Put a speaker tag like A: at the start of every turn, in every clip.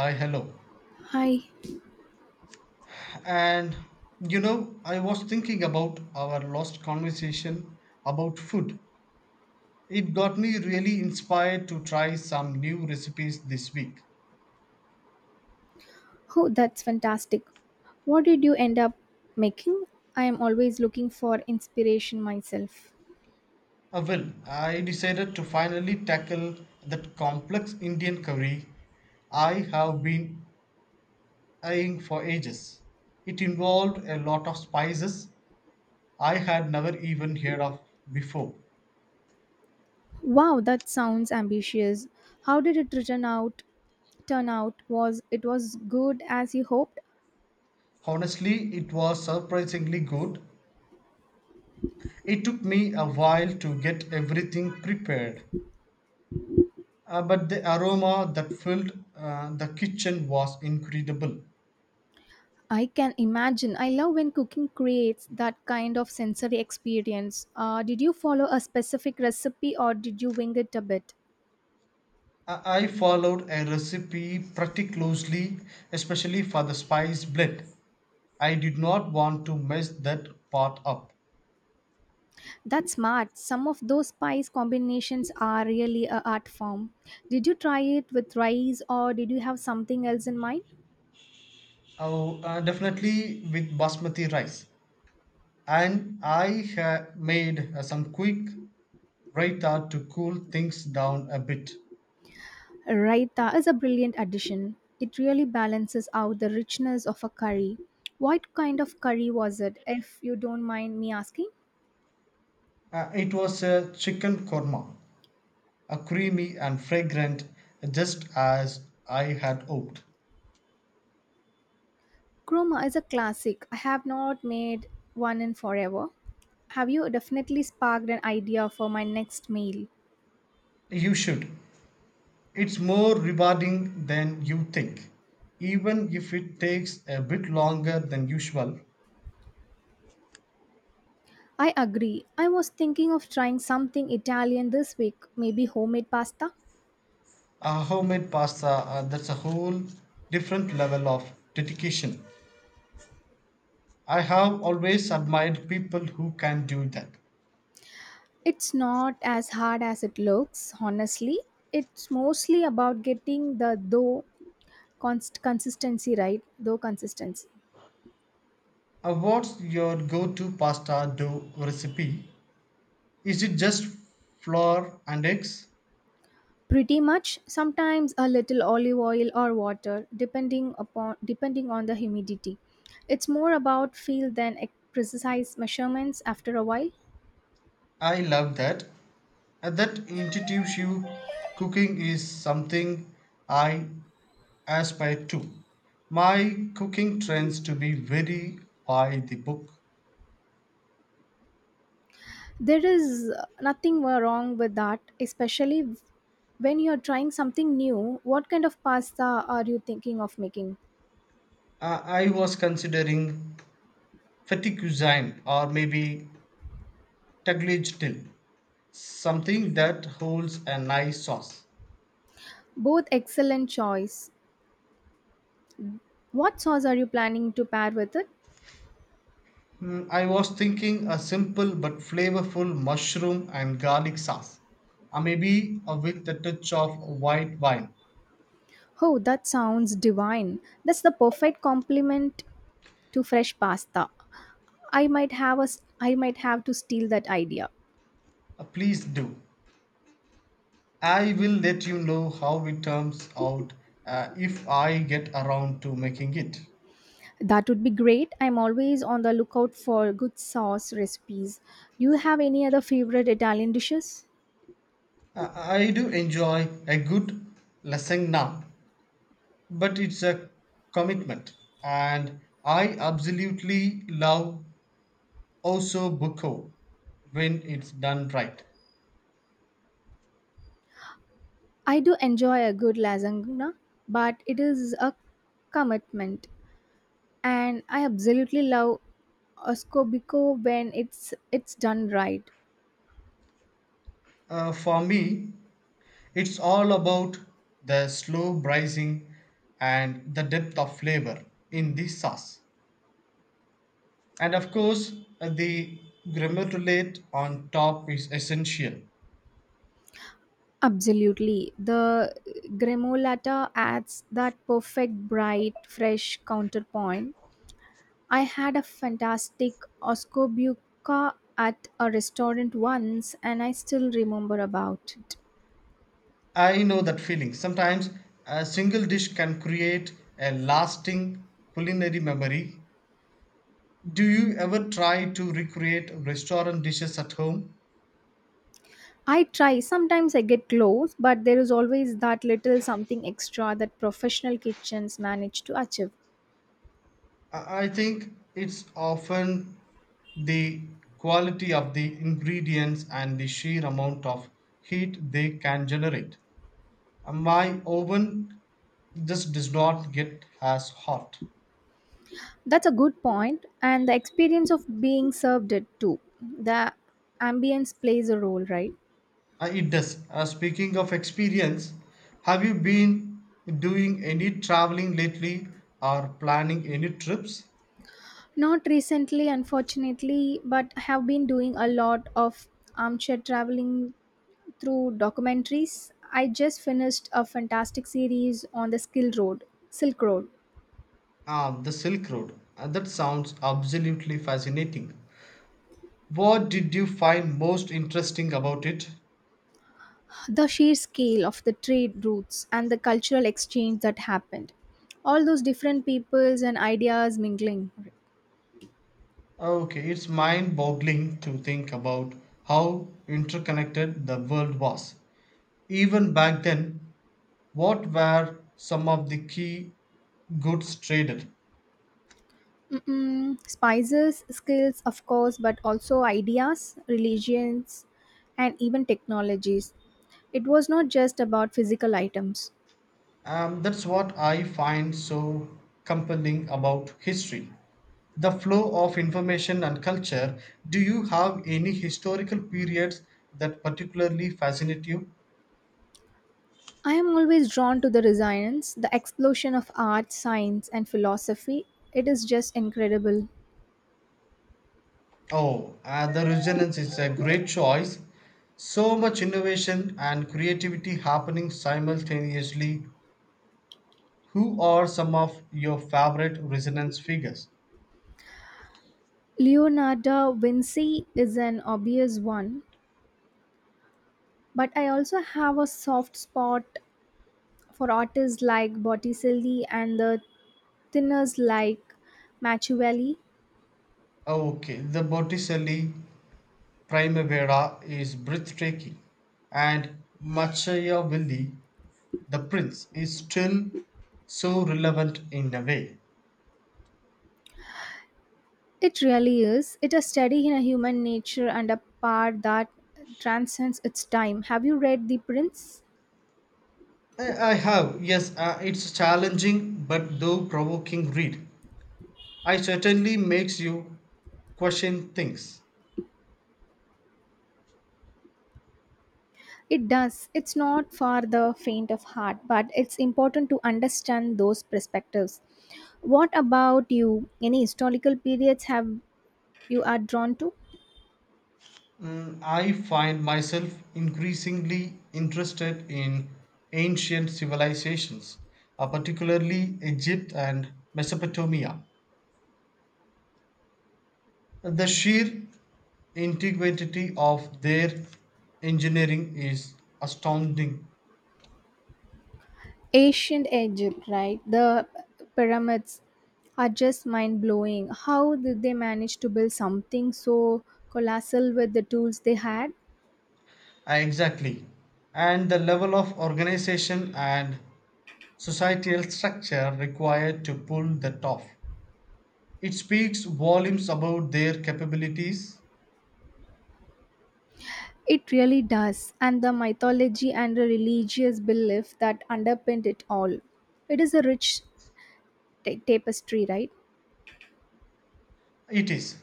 A: Hi, hello.
B: Hi.
A: And I was thinking about our last conversation about food. It got me really inspired to try some new recipes this week.
B: Oh, that's fantastic. What did you end up making? I am always looking for inspiration myself.
A: Well, I decided to finally tackle that complex Indian curry I have been eyeing for ages. It involved a lot of spices I had never even heard of before.
B: Wow, that sounds ambitious. How did it turn out? Turn out was it was good as you hoped?
A: Honestly, it was surprisingly good. It took me a while to get everything prepared, but the aroma that filled the kitchen was incredible.
B: I can imagine. I love when cooking creates that kind of sensory experience. Did you follow a specific recipe or did you wing it a bit?
A: I followed a recipe pretty closely, especially for the spice blend. I did not want to mess that part up.
B: That's smart. Some of those spice combinations are really a art form. Did you try it with rice or did you have something else in mind?
A: Oh, definitely with basmati rice. And I made some quick raita to cool things down a bit.
B: Raita is a brilliant addition. It really balances out the richness of a curry. What kind of curry was it, if you don't mind me asking?
A: It was a chicken korma. A creamy and fragrant, just as I had hoped.
B: Kroma is a classic. I have not made one in forever. Have you definitely sparked an idea for my next meal?
A: You should. It's more rewarding than you think, even if it takes a bit longer than usual.
B: I agree. I was thinking of trying something Italian this week, maybe homemade pasta.
A: A homemade pasta, that's a whole different level of dedication. I have always admired people who can do that.
B: It's not as hard as it looks, honestly. It's mostly about getting the dough consistency right, dough consistency.
A: What's your go to pasta dough recipe? Is it just flour and eggs?
B: Pretty much, sometimes a little olive oil or water depending on the humidity. It's more about feel than precise measurements after a while.
A: I love that. And that intuitive you cooking is something I aspire to. My cooking trends to be very by the book.
B: There is nothing wrong with that, especially when you're trying something new. What kind of pasta are you thinking of making?
A: I was considering fetty cuisine or maybe tagliatelle, something that holds a nice sauce.
B: Both excellent choice. What sauce are you planning to pair with it?
A: I was thinking a simple but flavorful mushroom and garlic sauce, or maybe with a touch of white wine.
B: Oh, that sounds divine. That's the perfect complement to fresh pasta. I might have to steal that idea.
A: Please do. I will let you know how it turns out if I get around to making it.
B: That would be great. I'm always on the lookout for good sauce recipes. Do you have any other favorite Italian dishes?
A: I do enjoy a good lesson now, but it's a commitment, and I absolutely love Oso Buko when it's done right.
B: I do enjoy a good lasagna, but it is a commitment, and I absolutely love oscobico when it's done right.
A: For me, it's all about the slow braising and the depth of flavor in the sauce. And of course, the grammar to late on top is essential.
B: Absolutely, the gremolata adds that perfect bright, fresh counterpoint. I had a fantastic oscobuca at a restaurant once, and I still remember about it.
A: I know that feeling. Sometimes a single dish can create a lasting culinary memory. Do you ever try to recreate restaurant dishes at home?
B: I try. Sometimes I get close, but there is always that little something extra that professional kitchens manage to achieve.
A: I think it's often the quality of the ingredients and the sheer amount of heat they can generate. My oven just does not get as hot.
B: That's a good point, and the experience of being served it too. The ambience plays a role, right?
A: It does. Speaking of experience, have you been doing any traveling lately or planning any trips?
B: Not recently, unfortunately, but have been doing a lot of armchair traveling through documentaries. I just finished a fantastic series on the Silk Road.
A: Ah, the Silk Road. That sounds absolutely fascinating. What did you find most interesting about it?
B: The sheer scale of the trade routes and the cultural exchange that happened, all those different peoples and ideas mingling.
A: Okay, it's mind boggling to think about how interconnected the world was. Even back then, what were some of the key goods traded?
B: Mm-mm. Spices, skills of course, but also ideas, religions, and even technologies. It was not just about physical items.
A: That's what I find so compelling about history. The flow of information and culture. Do you have any historical periods that particularly fascinate you?
B: I am always drawn to the resonance the explosion of art, science and philosophy. It is just incredible.
A: Oh, the resonance is a great choice. So much innovation and creativity happening simultaneously. Who are some of your favorite resonance figures?
B: Leonardo Vinci is an obvious one, but I also have a soft spot for artists like Botticelli and the thinners like Machiavelli.
A: Okay, the Botticelli Primavera is breathtaking, and Machiavelli, the prince, is still so relevant in a way.
B: It really is. It is study in a human nature and a part that transcends its time. Have you read The Prince?
A: I have, yes, it's a challenging but though provoking read. I certainly makes you question things.
B: It does. It's not for the faint of heart, but it's important to understand those perspectives. What about you? Any historical periods have you are drawn to?
A: I find myself increasingly interested in ancient civilizations, particularly Egypt and Mesopotamia. The sheer integrity of their engineering is astounding.
B: Ancient Egypt, right? The pyramids are just mind blowing. How did they manage to build something so colossal with the tools they had?
A: Ah, exactly. And the level of organization and societal structure required to pull that off. It speaks volumes about their capabilities.
B: It really does, and the mythology and the religious belief that underpinned it all, it is a rich tapestry, right?
A: It is.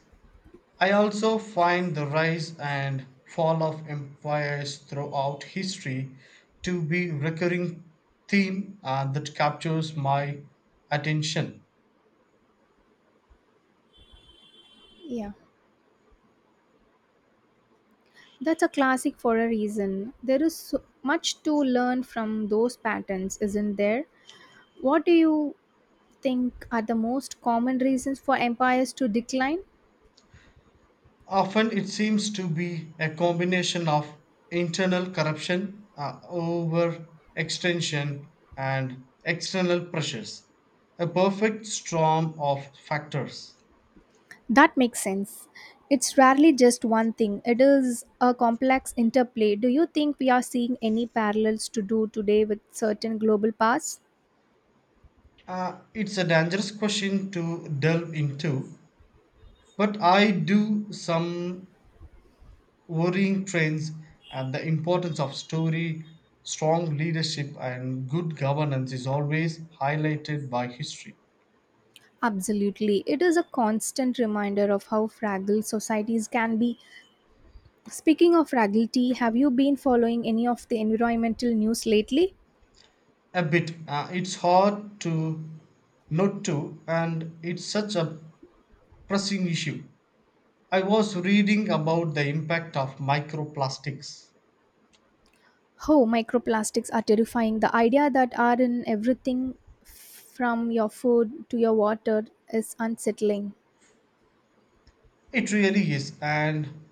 A: I also find the rise and fall of empires throughout history to be recurring theme, that captures my attention.
B: Yeah, that's a classic for a reason. There is so much to learn from those patterns, isn't there? What do you think are the most common reasons for empires to decline?
A: Often it seems to be a combination of internal corruption, overextension, and external pressures, a perfect storm of factors.
B: That makes sense. It's rarely just one thing, it is a complex interplay. Do you think we are seeing any parallels to do today with certain global powers?
A: It's a dangerous question to delve into, but I do some worrying trends and the importance of story, strong leadership, and good governance is always highlighted by history.
B: Absolutely. It is a constant reminder of how fragile societies can be. Speaking of fragility, have you been following any of the environmental news lately?
A: A bit. It's hard to not to, and it's such a pressing issue. I was reading about the impact of microplastics.
B: Oh, microplastics are terrifying. The idea that are in everything from your food to your water is unsettling.
A: It really is, and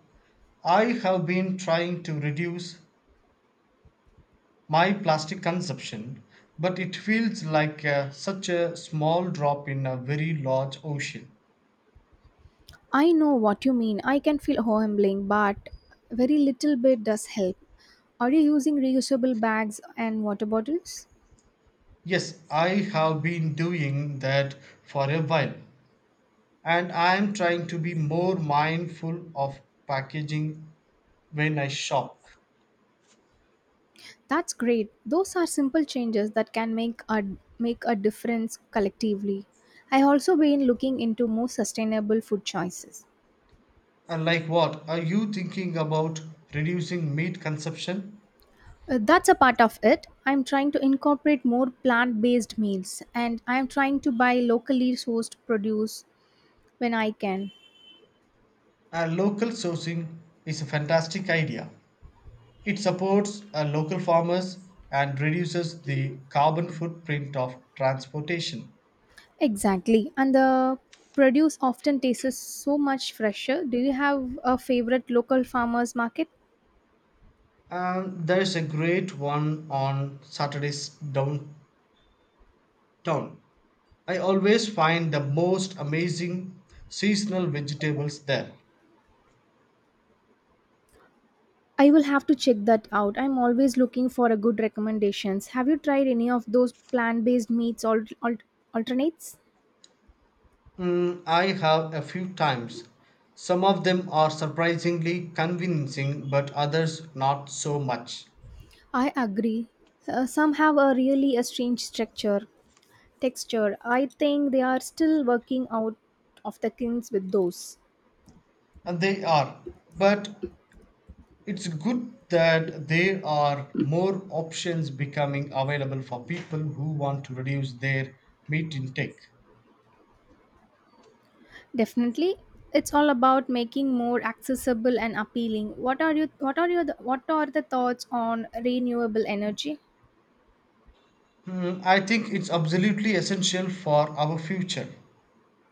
A: I have been trying to reduce my plastic consumption, but it feels like such a small drop in a very large ocean.
B: I know what you mean. I can feel humbling, but very little bit does help. Are you using reusable bags and water bottles?
A: Yes, I have been doing that for a while, and I am trying to be more mindful of packaging when I shop.
B: That's great. Those are simple changes that can make a difference collectively. I also been looking into more sustainable food choices.
A: And like what? Are you thinking about reducing meat consumption?
B: That's a part of it. I'm trying to incorporate more plant-based meals and I'm trying to buy locally sourced produce when I can.
A: And local sourcing is a fantastic idea. It supports local farmers and reduces the carbon footprint of transportation.
B: Exactly. And the produce often tastes so much fresher. Do you have a favorite local farmers market?
A: And there's a great one on Saturdays downtown. I always find the most amazing seasonal vegetables there.
B: I will have to check that out. I'm always looking for a good recommendations. Have you tried any of those plant-based meats alternates?
A: I have a few times. Some of them are surprisingly convincing, but others not so much.
B: I agree. Some have a really a strange texture. I think they are still working out of the kinks with those.
A: And they are. But it's good that there are more options becoming available for people who want to reduce their meat intake.
B: Definitely, it's all about making more accessible and appealing. What are you what are your what are the thoughts on renewable energy?
A: I think it's absolutely essential for our future.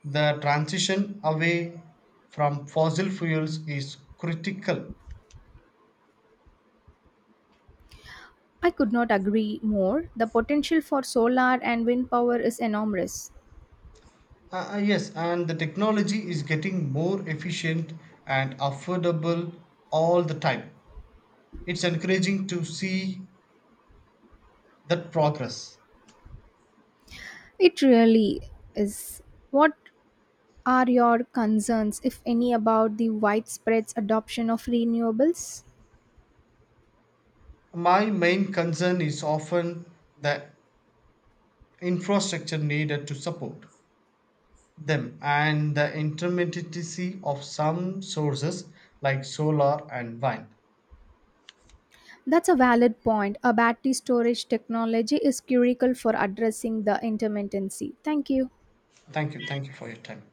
A: The transition away from fossil fuels is critical.
B: I could not agree more. The potential for solar and wind power is enormous.
A: Yes, and the technology is getting more efficient and affordable all the time. It's encouraging to see that progress.
B: It really is. What are your concerns, if any, about the widespread adoption of renewables?
A: My main concern is often the infrastructure needed to support them and the intermittency of some sources like solar and wind.
B: That's a valid point. A battery storage technology is critical for addressing the intermittency. Thank you.
A: Thank you for your time.